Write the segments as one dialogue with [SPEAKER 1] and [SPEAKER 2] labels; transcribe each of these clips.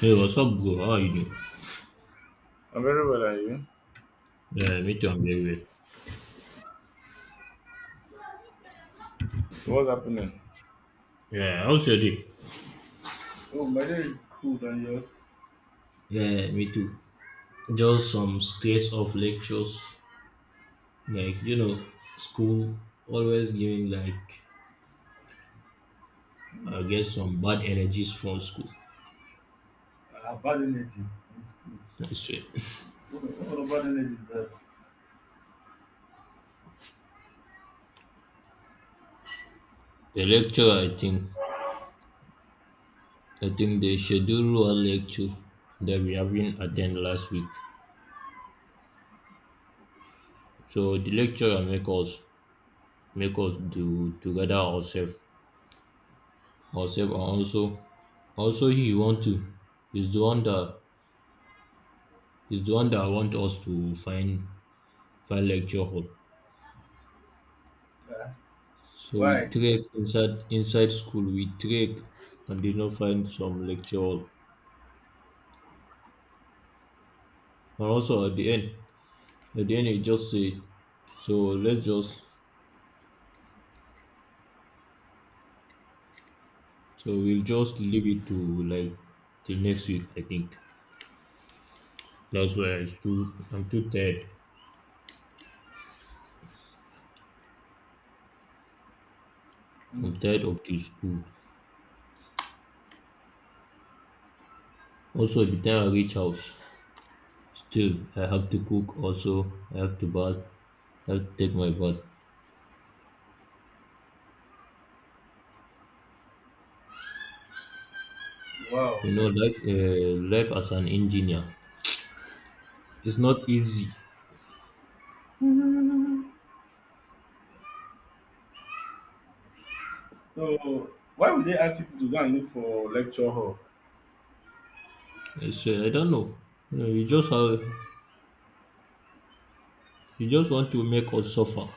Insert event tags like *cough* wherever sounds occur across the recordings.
[SPEAKER 1] Hey, what's up, bro? How are you doing?
[SPEAKER 2] I'm very well, are you?
[SPEAKER 1] Yeah, me too. I'm very well.
[SPEAKER 2] What's happening?
[SPEAKER 1] Yeah, how's your day? Yeah, me too. Just some stress of lectures, like you know, school always giving like I get some bad energies from school. I swear. The lecture, I think they schedule one lecture that we haven't attend last week. So the lecturer make us do together ourselves, ourselves, and also he want to. He's the one that I want us to find lecture hall. So we trek inside school, we trek and did not find some lecture hall. And also at the end it just say so let's just so we'll just leave it to like till next week I think. That's why I still I'm too tired. I'm tired of the school. Also by the time I reach house, still I have to cook also, I have to bath, I have to take my bath. You know, life, life as an engineer, it's not easy. It's, I don't know. You know, you just have, you just want to make us suffer,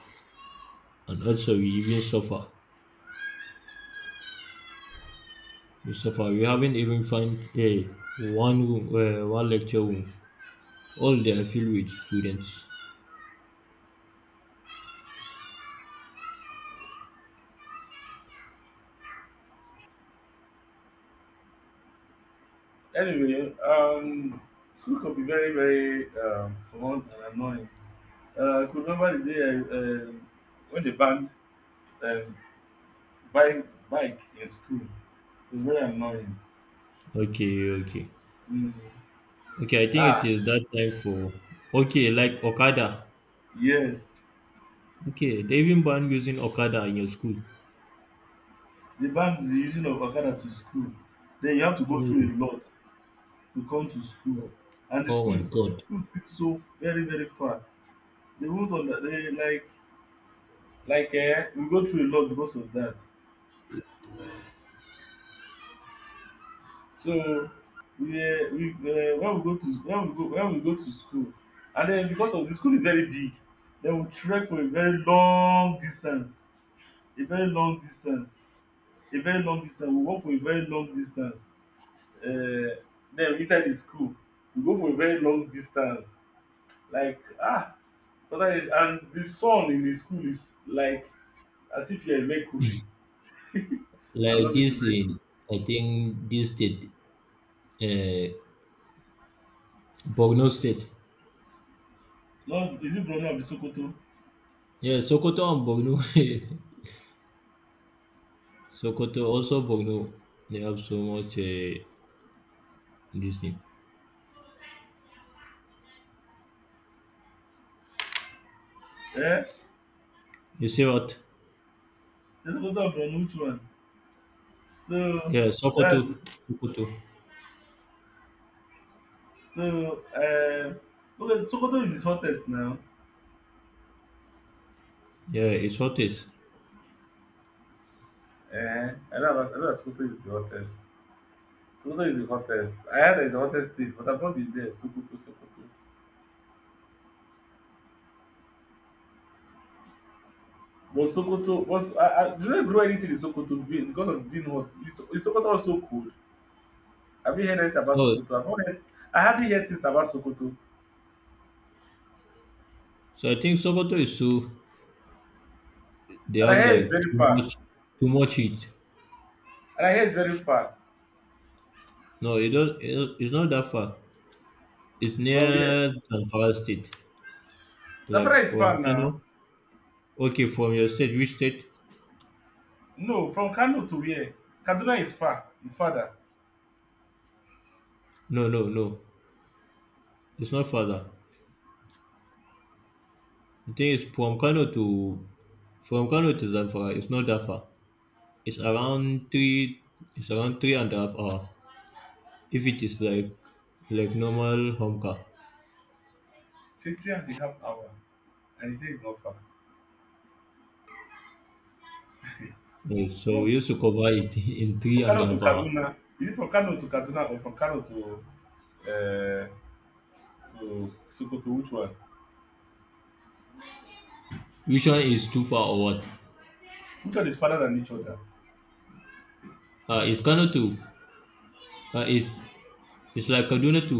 [SPEAKER 1] and also we even suffer. We suffer. We haven't even find a one room, one lecture room. All they are filled with students. Okay, okay, okay. I think it is that time for okay, like Okada. Okay, they even banned using Okada in your school. Oh, oh my God! Like this in I think this state Uh, Borno State. Yeah, Sokoto and Borno. *laughs* Sokoto, also Borno. They have so much this thing. You see what? Yeah, Sokoto. Sokoto. Yeah, it's what is. No, so I think Sokoto is too. They have like too much heat. No, it don't. It's not that far. It's near Zamfara State. Like from Kano. Okay, from your state, which state? No. It's not further. I think it's from Kano to From Kano to Zamfara it's not that far. It's around three it's around three and a half hour if it is like normal home car. Yes, so we used to cover it *laughs* in three and a half hour. Which one is too far or what? Uh, it's Kano to uh, it's it's like Kaduna to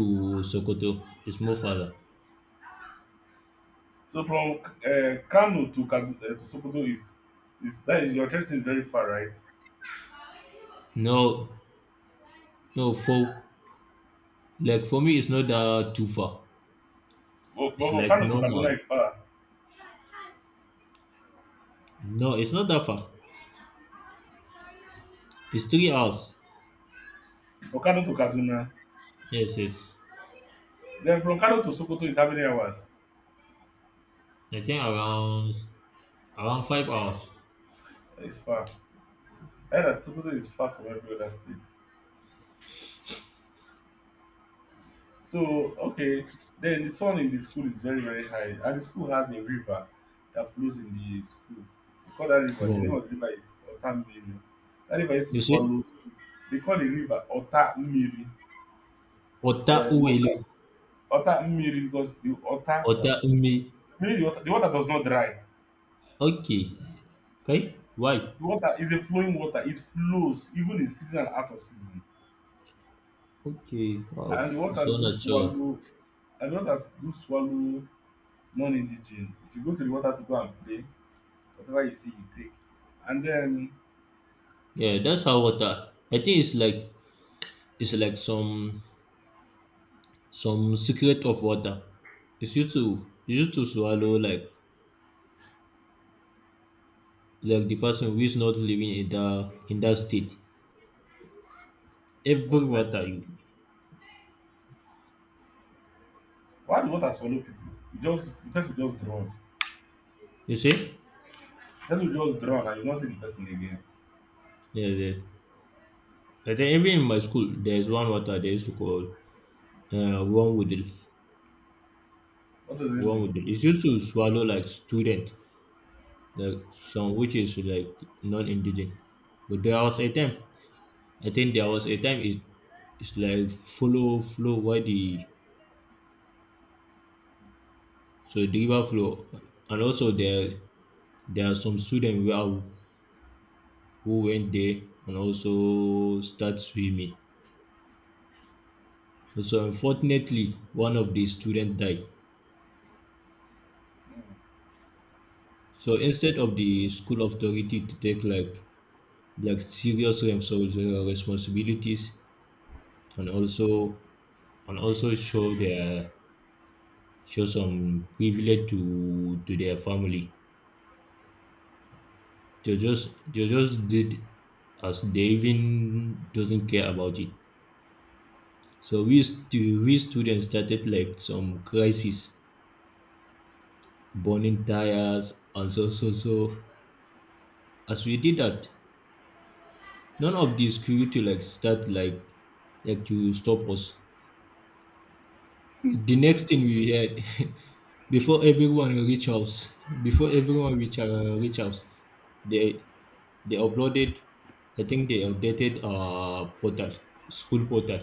[SPEAKER 1] Sokoto. It's more farther. No, no, for like for me, it's not that too far. It's like normal. No, it's not that far. It's 3 hours. Yes, yes. I think around Around 5 hours. Wow. You see? Otak uwelu. Otak umi. Okay. Okay. Why? Okay. Wow. So natural. Yeah, that's how water. I think it's like some secret of water. It's used to swallow like the person who is not living in that state. Every water you you see? Yeah, yeah. I think even in my school there is one water they used to call warm water. One would it's used to swallow like student, like some which is like non-indigenous. But there was a time, I think there was a time it, it's like follow flow why the so the river flow, and also there are some students who are, who went there and also start swimming. So unfortunately, one of the students died. So instead of the school authority to take like serious responsibilities and also show their show some privilege to their family. They just did as they even doesn't care about it. So we students started like some crisis, burning tires, and so so so. As we did that, none of the security like start like to stop us. The next thing we heard *laughs* before everyone reach house before everyone reach house they they uploaded I think they updated portal school portal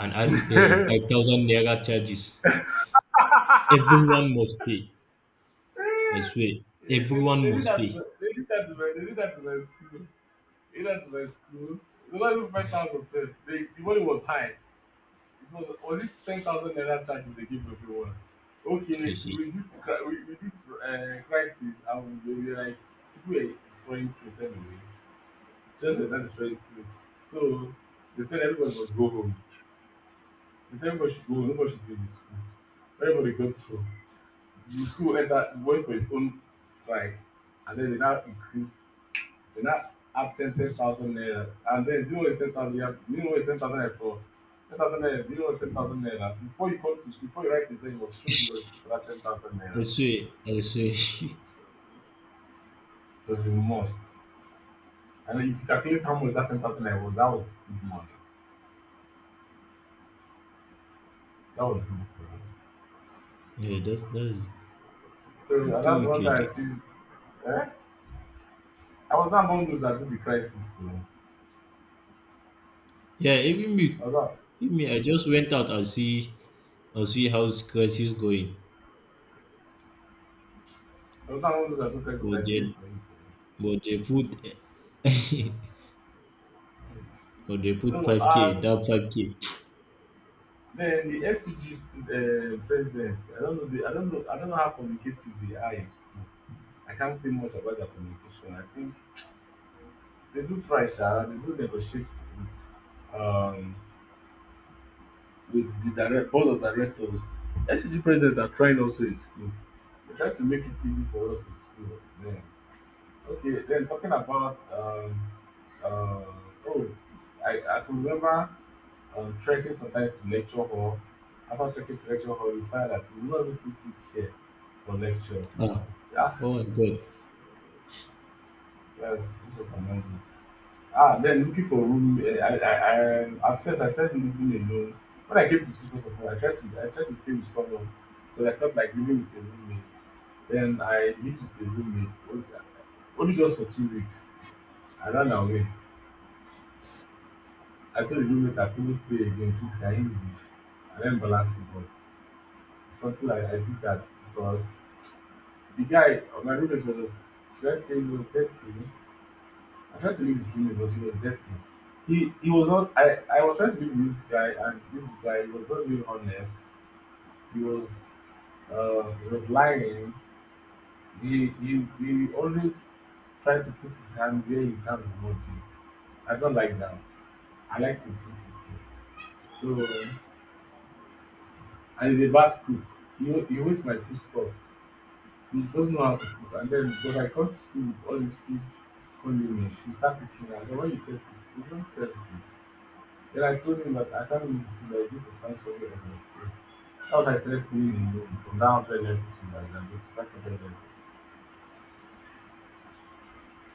[SPEAKER 1] and add 5000 naira charges everyone must pay. I swear everyone must pay. You see, I swear. I swear. *laughs* Yeah, that's it. That's too wicked. Yeah, even me, even me I just went out and see how crisis going. But then but they put *laughs* but they put 5k, that 5k. Ah, oh my god.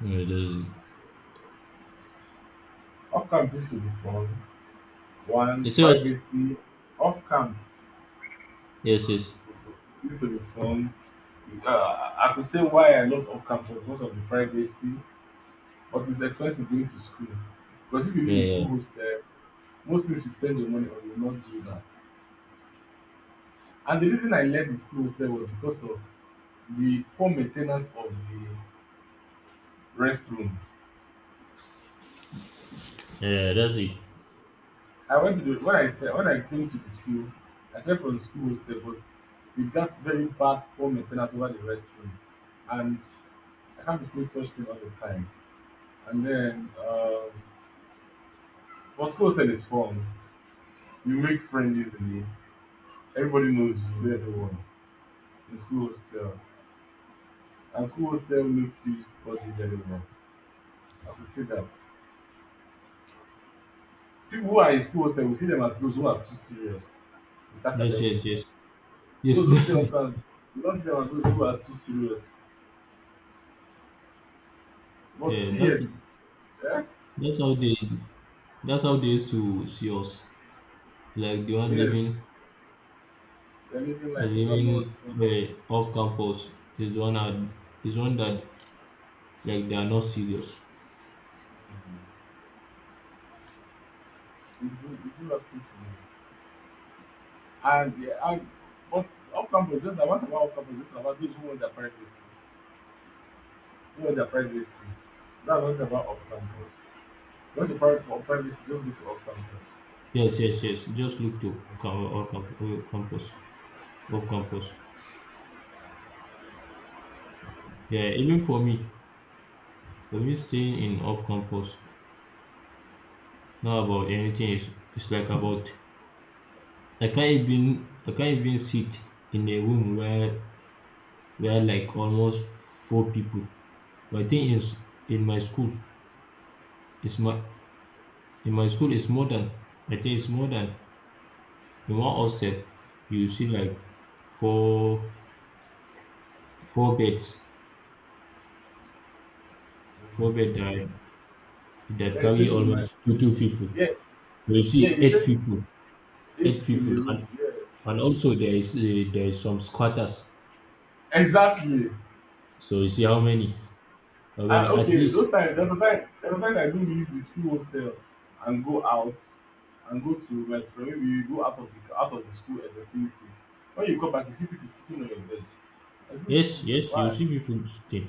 [SPEAKER 1] Yeah, that's it. You see what? Yes, yes. Yeah, yeah. Yeah, yeah, that's it. Yes, yes, yes. Yes, *laughs* that's it. Yeah, that's it. That's how they that's how they used to see us. Like the one living off campus is the one that is one that like they are not serious. Yes, yes, yes. Just look to campus, off campus. Yeah, even for me staying in off campus, not about anything is it's like about I can't even sit in a room where like almost four people. But I think is in my school, it's my in my school it's more than I think it's more than in one hostel you see like four four beds. Four bed that carry almost two two people. So you see eight people. Eight people and also there is some squatters. So you see how many at least. Yes, yes, you see people stay.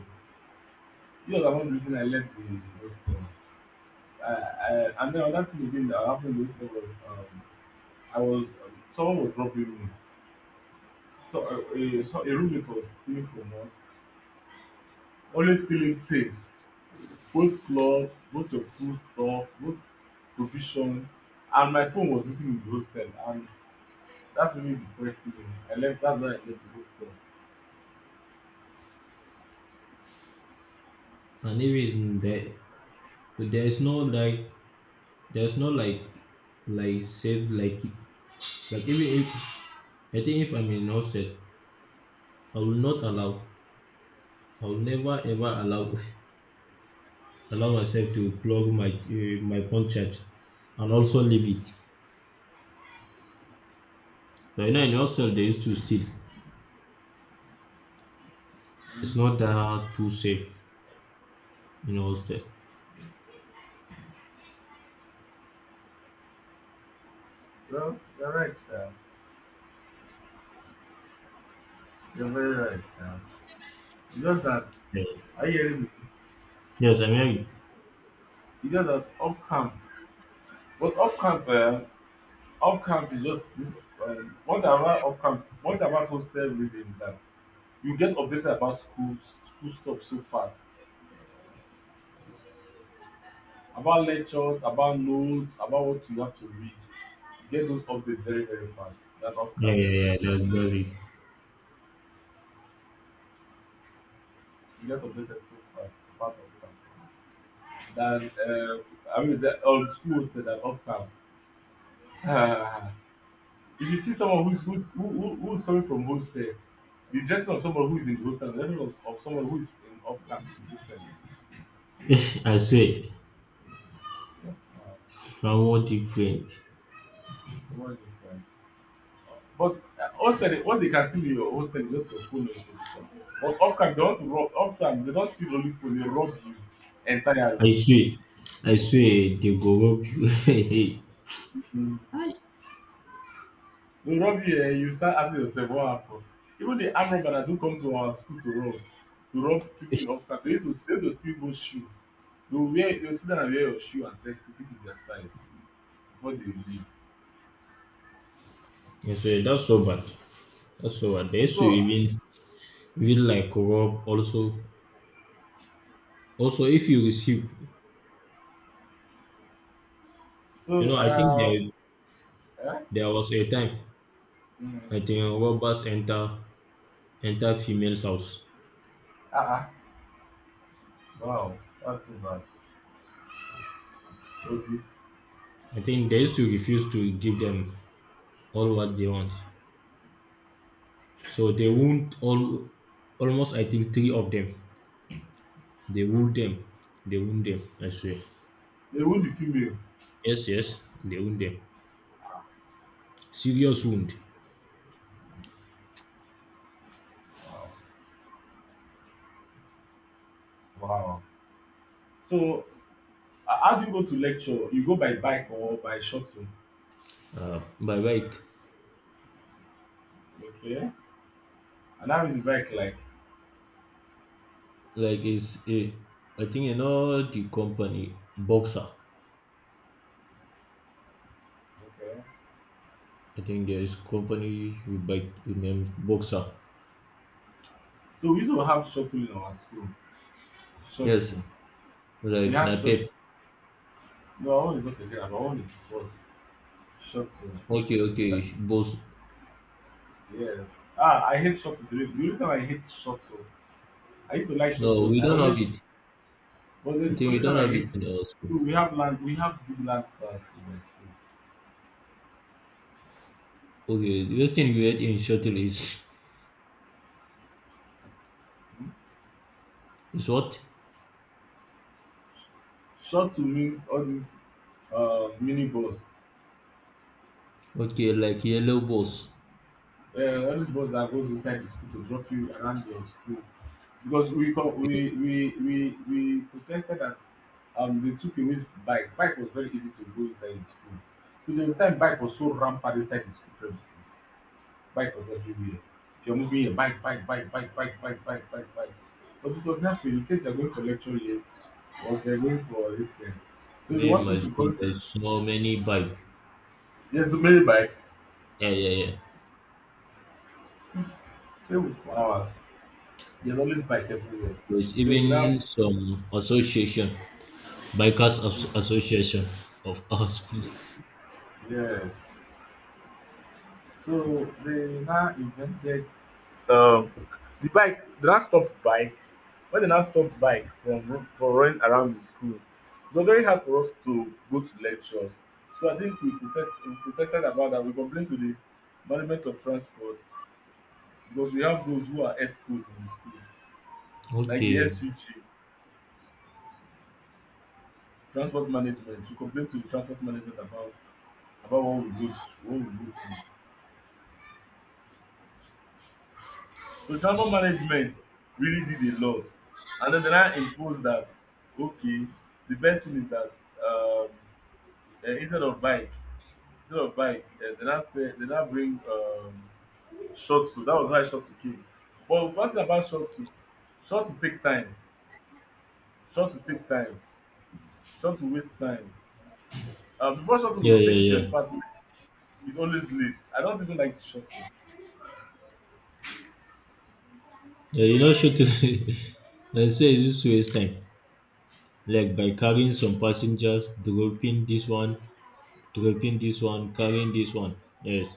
[SPEAKER 1] And even there, so there is no like, there's no like, like safe like even if I think if I'm in hostel, I will not allow. I will never ever allow *laughs* allow myself to plug my my phone charge, and also leave it. But you know, in hostel they used to steal. It's not that too safe in hostel. Yeah. Yes, I mean Yeah, yeah, yeah. That's does it. *laughs* I swear, I want different. I swear, I swear they go rob you. *laughs* Hey, hi. I swear that's so bad. That's so bad. They used to even even like rob also. Also, if you receive, you know, I think there there was a time I think robbers enter enter females house. I think they used to refuse to give them all what they want. So they won't all almost I think three of them. They wound them. They wound them. I swear. Yes, yes. They wound them. Serious wound. By like is a, I think you know the company Boxer. I think there is company with bike. You name Boxer. Yes, like Napep. Okay, okay, boss. No, we don't have it. I think we don't have it in our school. Okay, the best thing we had in shuttle is what? Okay, like yellow balls. Okay. Where in my school there's so many bike. Yeah, yeah, yeah. There's even some association, association of *laughs* our schools. Okay. Yeah, yeah, yeah. Yeah, you know, shooting. *laughs* They say it's just waste time, like by carrying some passengers, dropping this one, carrying this one. Yes.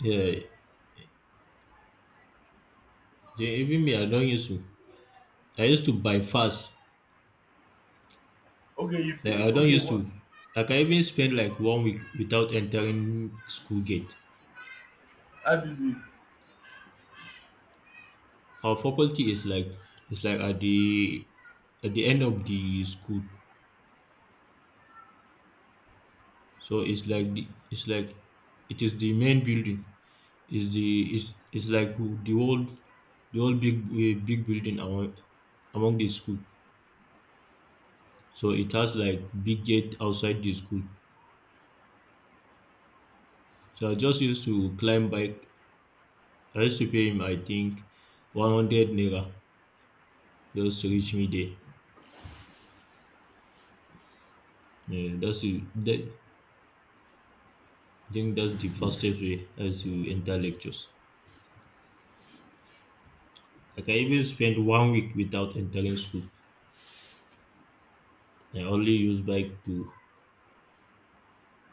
[SPEAKER 1] Yeah, yeah. Even me, I don't used to. I used to buy fast. Like I don't used to. Like, I can even spend like one week without entering school gate. Our faculty is like it's like at the end of the school, so it's like the, it's like it is the main building. Is the is it's like the whole big big building among among the school. So it has like big gate outside the school. So I just used to climb bike. I used to pay him I think 100 naira just to reach me there. Yeah, that's the that, I think that's the fastest way as you enter lectures. Like I even spent one week without entering school. I only use bike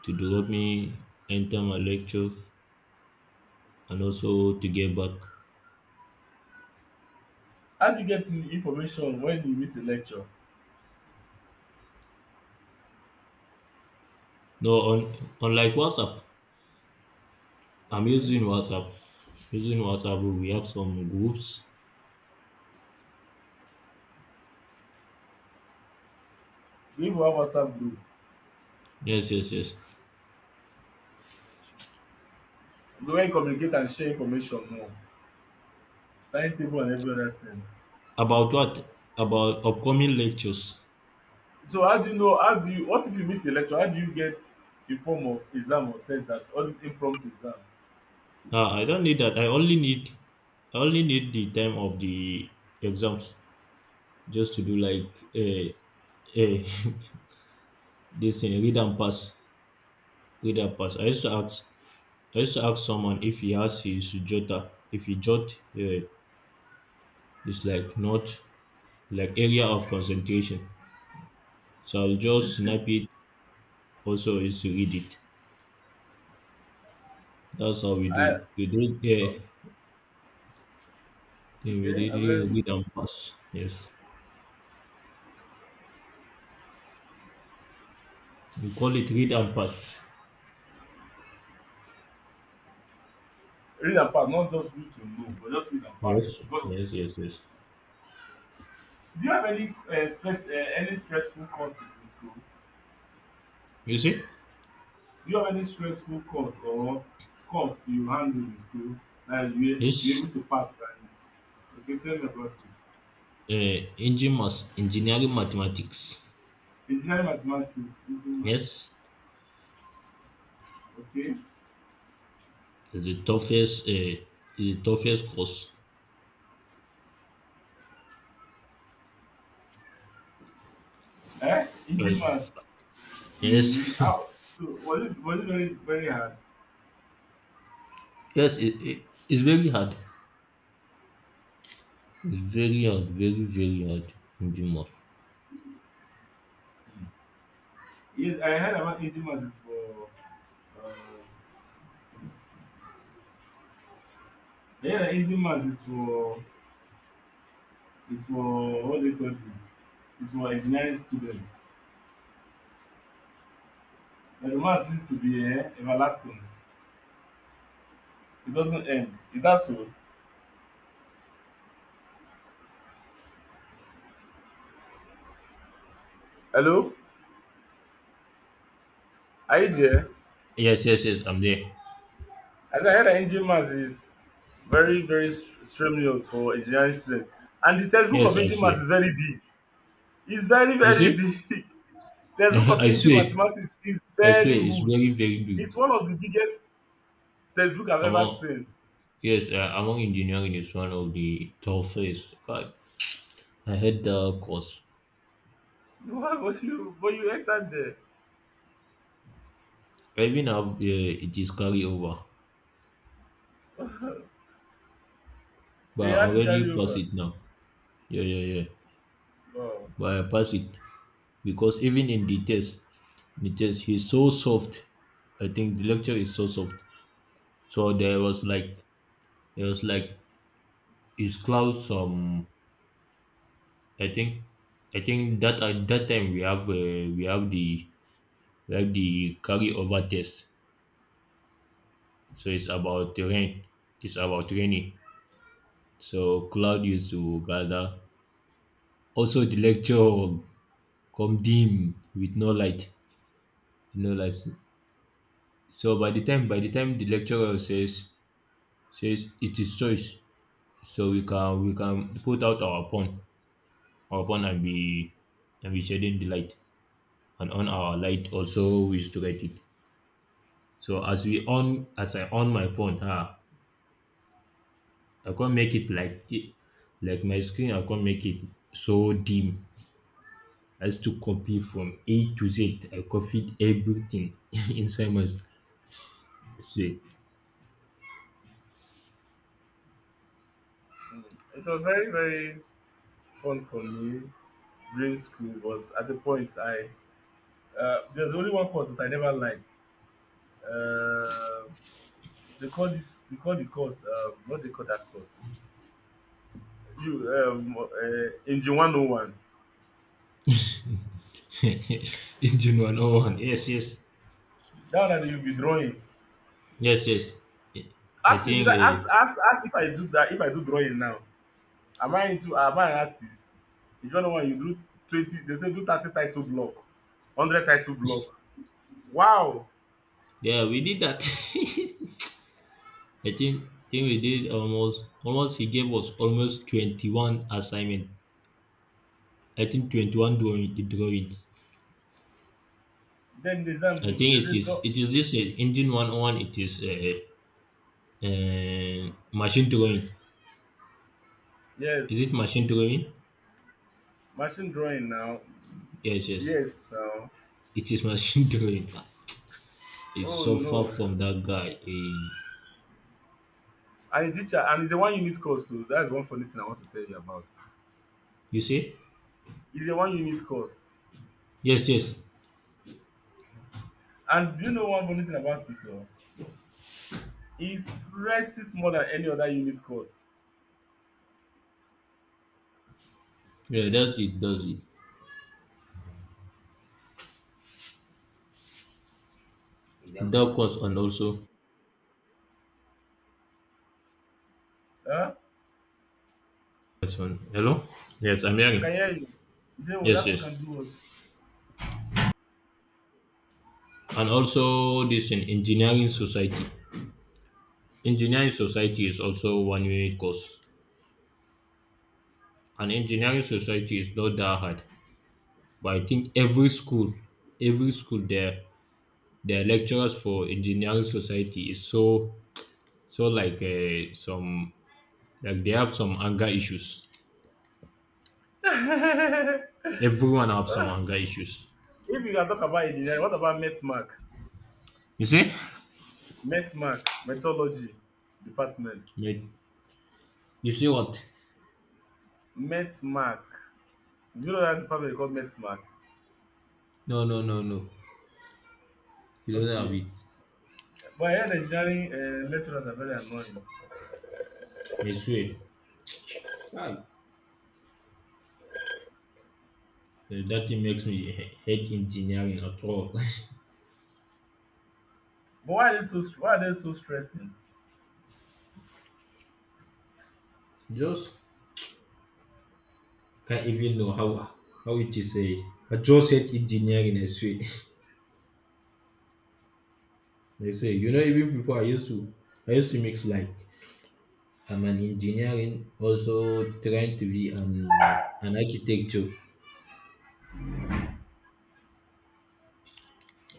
[SPEAKER 1] to drop me, enter my lecture, and also to get back. No, on unlike WhatsApp, I'm using WhatsApp. Using WhatsApp, we have some groups. Yes, yes, yes. About what? About upcoming lectures. Ah, I don't need that. I only need the time of the exams just to do like a *laughs* this thing, read and pass. Reader pass. I used to ask someone if he has his jotter, if he jot uh, is like not like area of concentration. So I'll just snap it. Also, is to read it. That's how we do. We did read and pass. Yes, we call it read and pass. Yes, yes, yes, yes. You see, it's engineering mathematics. Yes, it's the toughest course. Yes. Yes, *laughs* yes, it's very hard. It's very hard, very, very hard in the mosque. Yes, yes, yes, I'm there. Yes, I swear. You see? *laughs* I swear, I swear, it's very, very big. Among, yes, among engineering is one of the toughest. God, I had the course. Even now, it is carry over, but I already passed it now. Yeah, yeah, yeah. But I passed it because even in the test, he's so soft. I think the lecture is so soft. So there was like his clouds. I think I think that at that time we have the carryover test. So it's about the rain. It's about raining. So cloud used to gather. Also the lecture hall come dim with no light. No light. So by the time the lecturer says it is choice. So we can put out our phone and be shedding the light. And on our light also we used to get it. So as we on as I on my phone, I can't make it like my screen, I can't make it so dim as to copy from A to Z. I copied everything *laughs* inside my say *laughs* engine one oh one. Yes, yes. Yes, yes. I think yeah, we did that. *laughs* I think we did almost almost he gave us almost 21 assignment. I think 21 drawings. I think it is this engine 101. It is machine drawing. Is it machine drawing? Yes, yes. It is machine *laughs* drawing. It's so far from that guy. Eh, you see? Yes, yes. Yeah, that's it, does it. That one's, and also this one. Hello? Yes, I'm hearing. Yes, yes. And also this in engineering society. Engineering society is also one unit course. And engineering society is not that hard. But I think every school, their lecturers for engineering society is so so like some like they have some anger issues. Everyone have some anger issues. You see? Me- You see what? No, no, no, no. You don't have it. I swear. Ah, that thing makes me hate engineering at all. *laughs* Just can't even know how it is. Eh, I just hate engineering. I swear. *laughs* I swear. You know, even people I used to mix like I'm an engineering, also trying to be an architecture.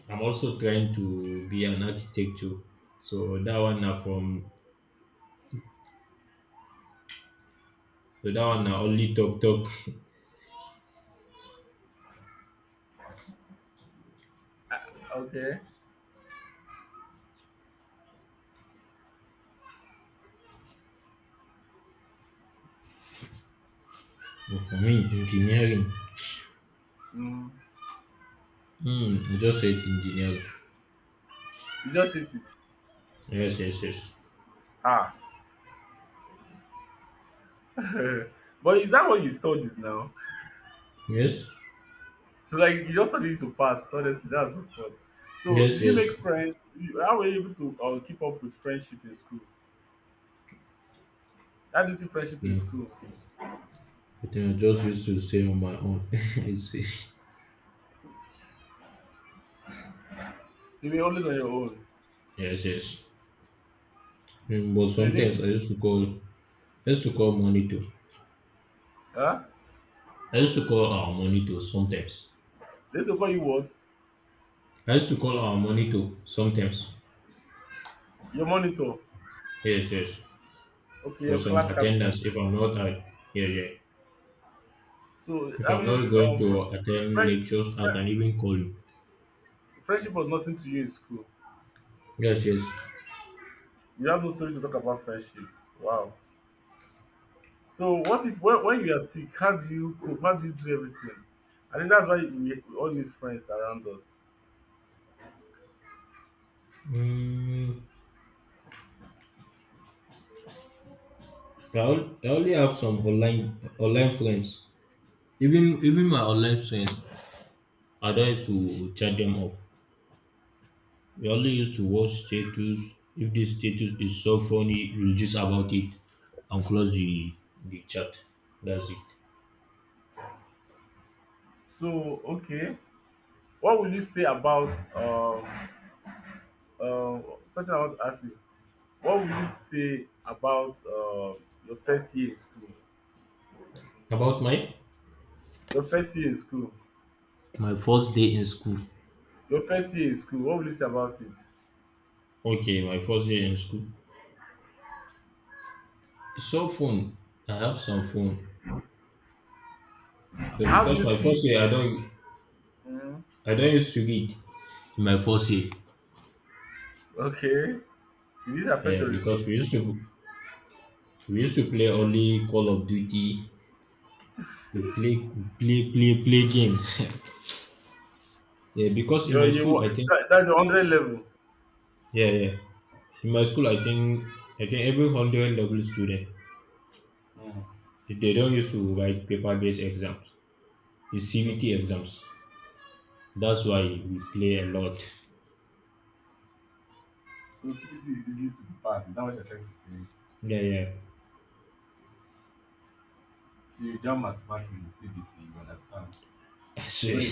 [SPEAKER 1] I'm also trying to be an architecture. So that one now from so that one now only talk. *laughs* But for me engineering. Hmm, I just said engineering. Yes, yes, yes. Yes, yes, yes. Yeah. I think I just used to stay on my own. *laughs* I see. Yes, yes. But sometimes I used to call monitor. I used to call our monitor sometimes. I used to call our monitor sometimes. Yes, yes, for some attendance. If I'm not at, yeah, yeah. If I'm not going to attend lectures, I can even call you. Yes, yes. Mm, I only have some online friends. Even my online friends, I don't used to chat them off. We only used to watch status. If this status is so funny, we'll just about it and close the chat. That's it. About my my first day in school. Okay, my first year in school. So phone, I have some phone. So because my first year, I don't used to read. In my first year, yeah, because we used to play only Call of Duty. We play, play game. Yeah, because in my school, I think, yeah, yeah, in my school, I think every hundred level student, they don't used to write paper-based exams. It's CBT exams. That's why we play a lot. Yeah, yeah. *laughs* I swear.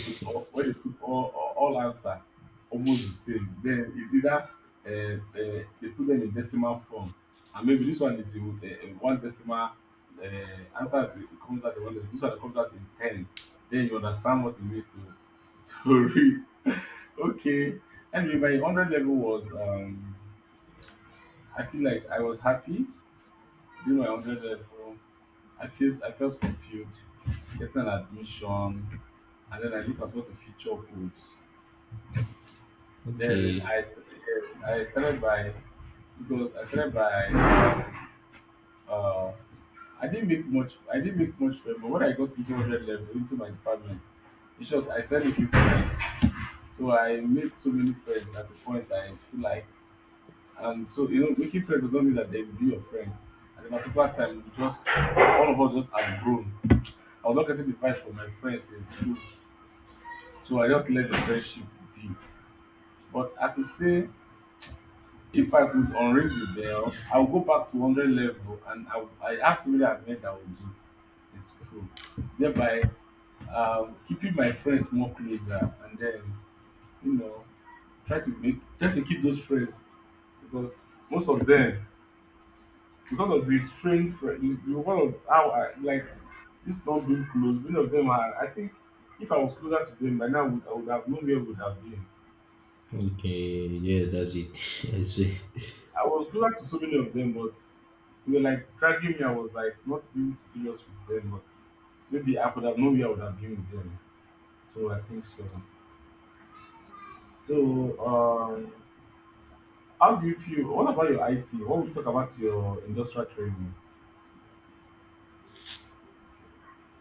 [SPEAKER 1] Okay. Okay, yes, that's it. *laughs* I see.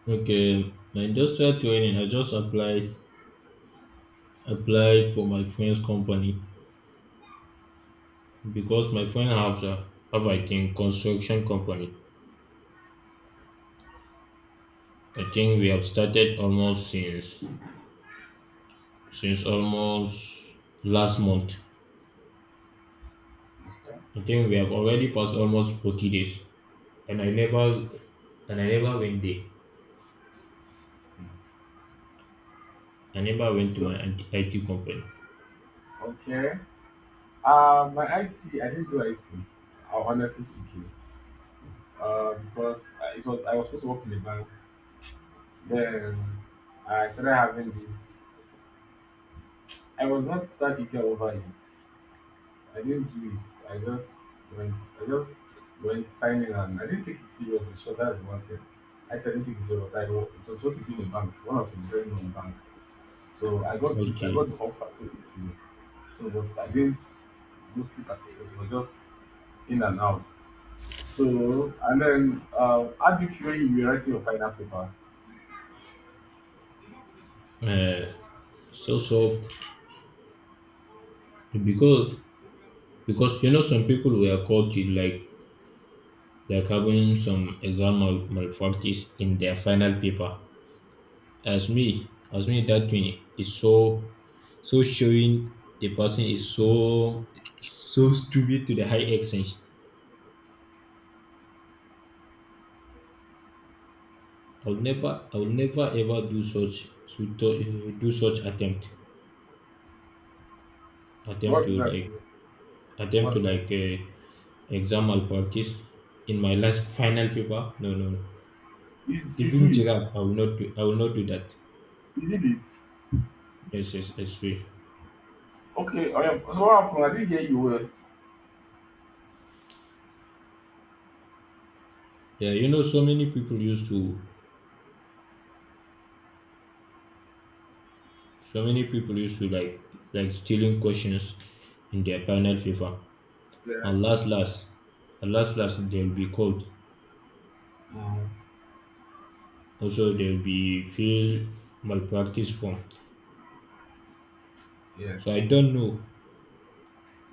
[SPEAKER 1] Okay, my industrial training, I just applied for my friend's company because my friend have I think construction company. I think we have started almost since almost last month. I think we have already passed almost 40 days, and I never and I never went there. I never went to my IT company. Okay, uh, so soft because because you know some people were caught with like having some exam malpractice in their final paper. As me that thing is so so showing the person is so so stupid to the high extent. I will never ever do such so to, do such attempt to like attempt to like exam malpractice in my last final paper. No, no, no. Even giraffe I will not do that. Yes, yes, I swear. Yeah, you know, so many people used to like stealing questions in their final paper, and they'll be called. Also, they'll be feel malpractice form. So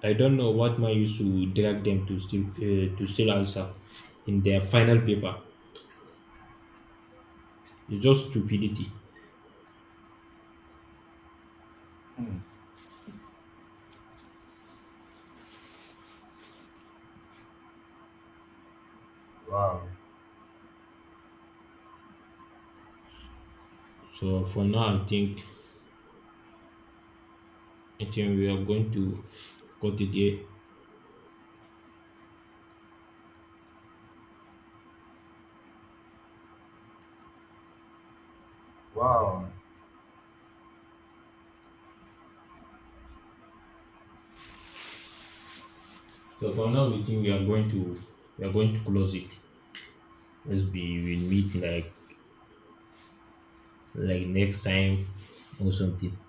[SPEAKER 1] I don't know what man used to drag them to steal answer in their final paper. It's just stupidity. So for now, I think we are going to cut it here. So for now, we think we are going to close it. Let's be we'll meet like next time or something.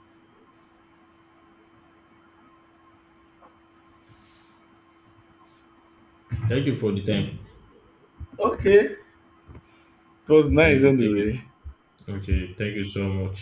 [SPEAKER 1] Thank you for the time.
[SPEAKER 2] It was nice
[SPEAKER 1] Thank you, thank you.
[SPEAKER 2] anyway.
[SPEAKER 1] Okay, thank you so much.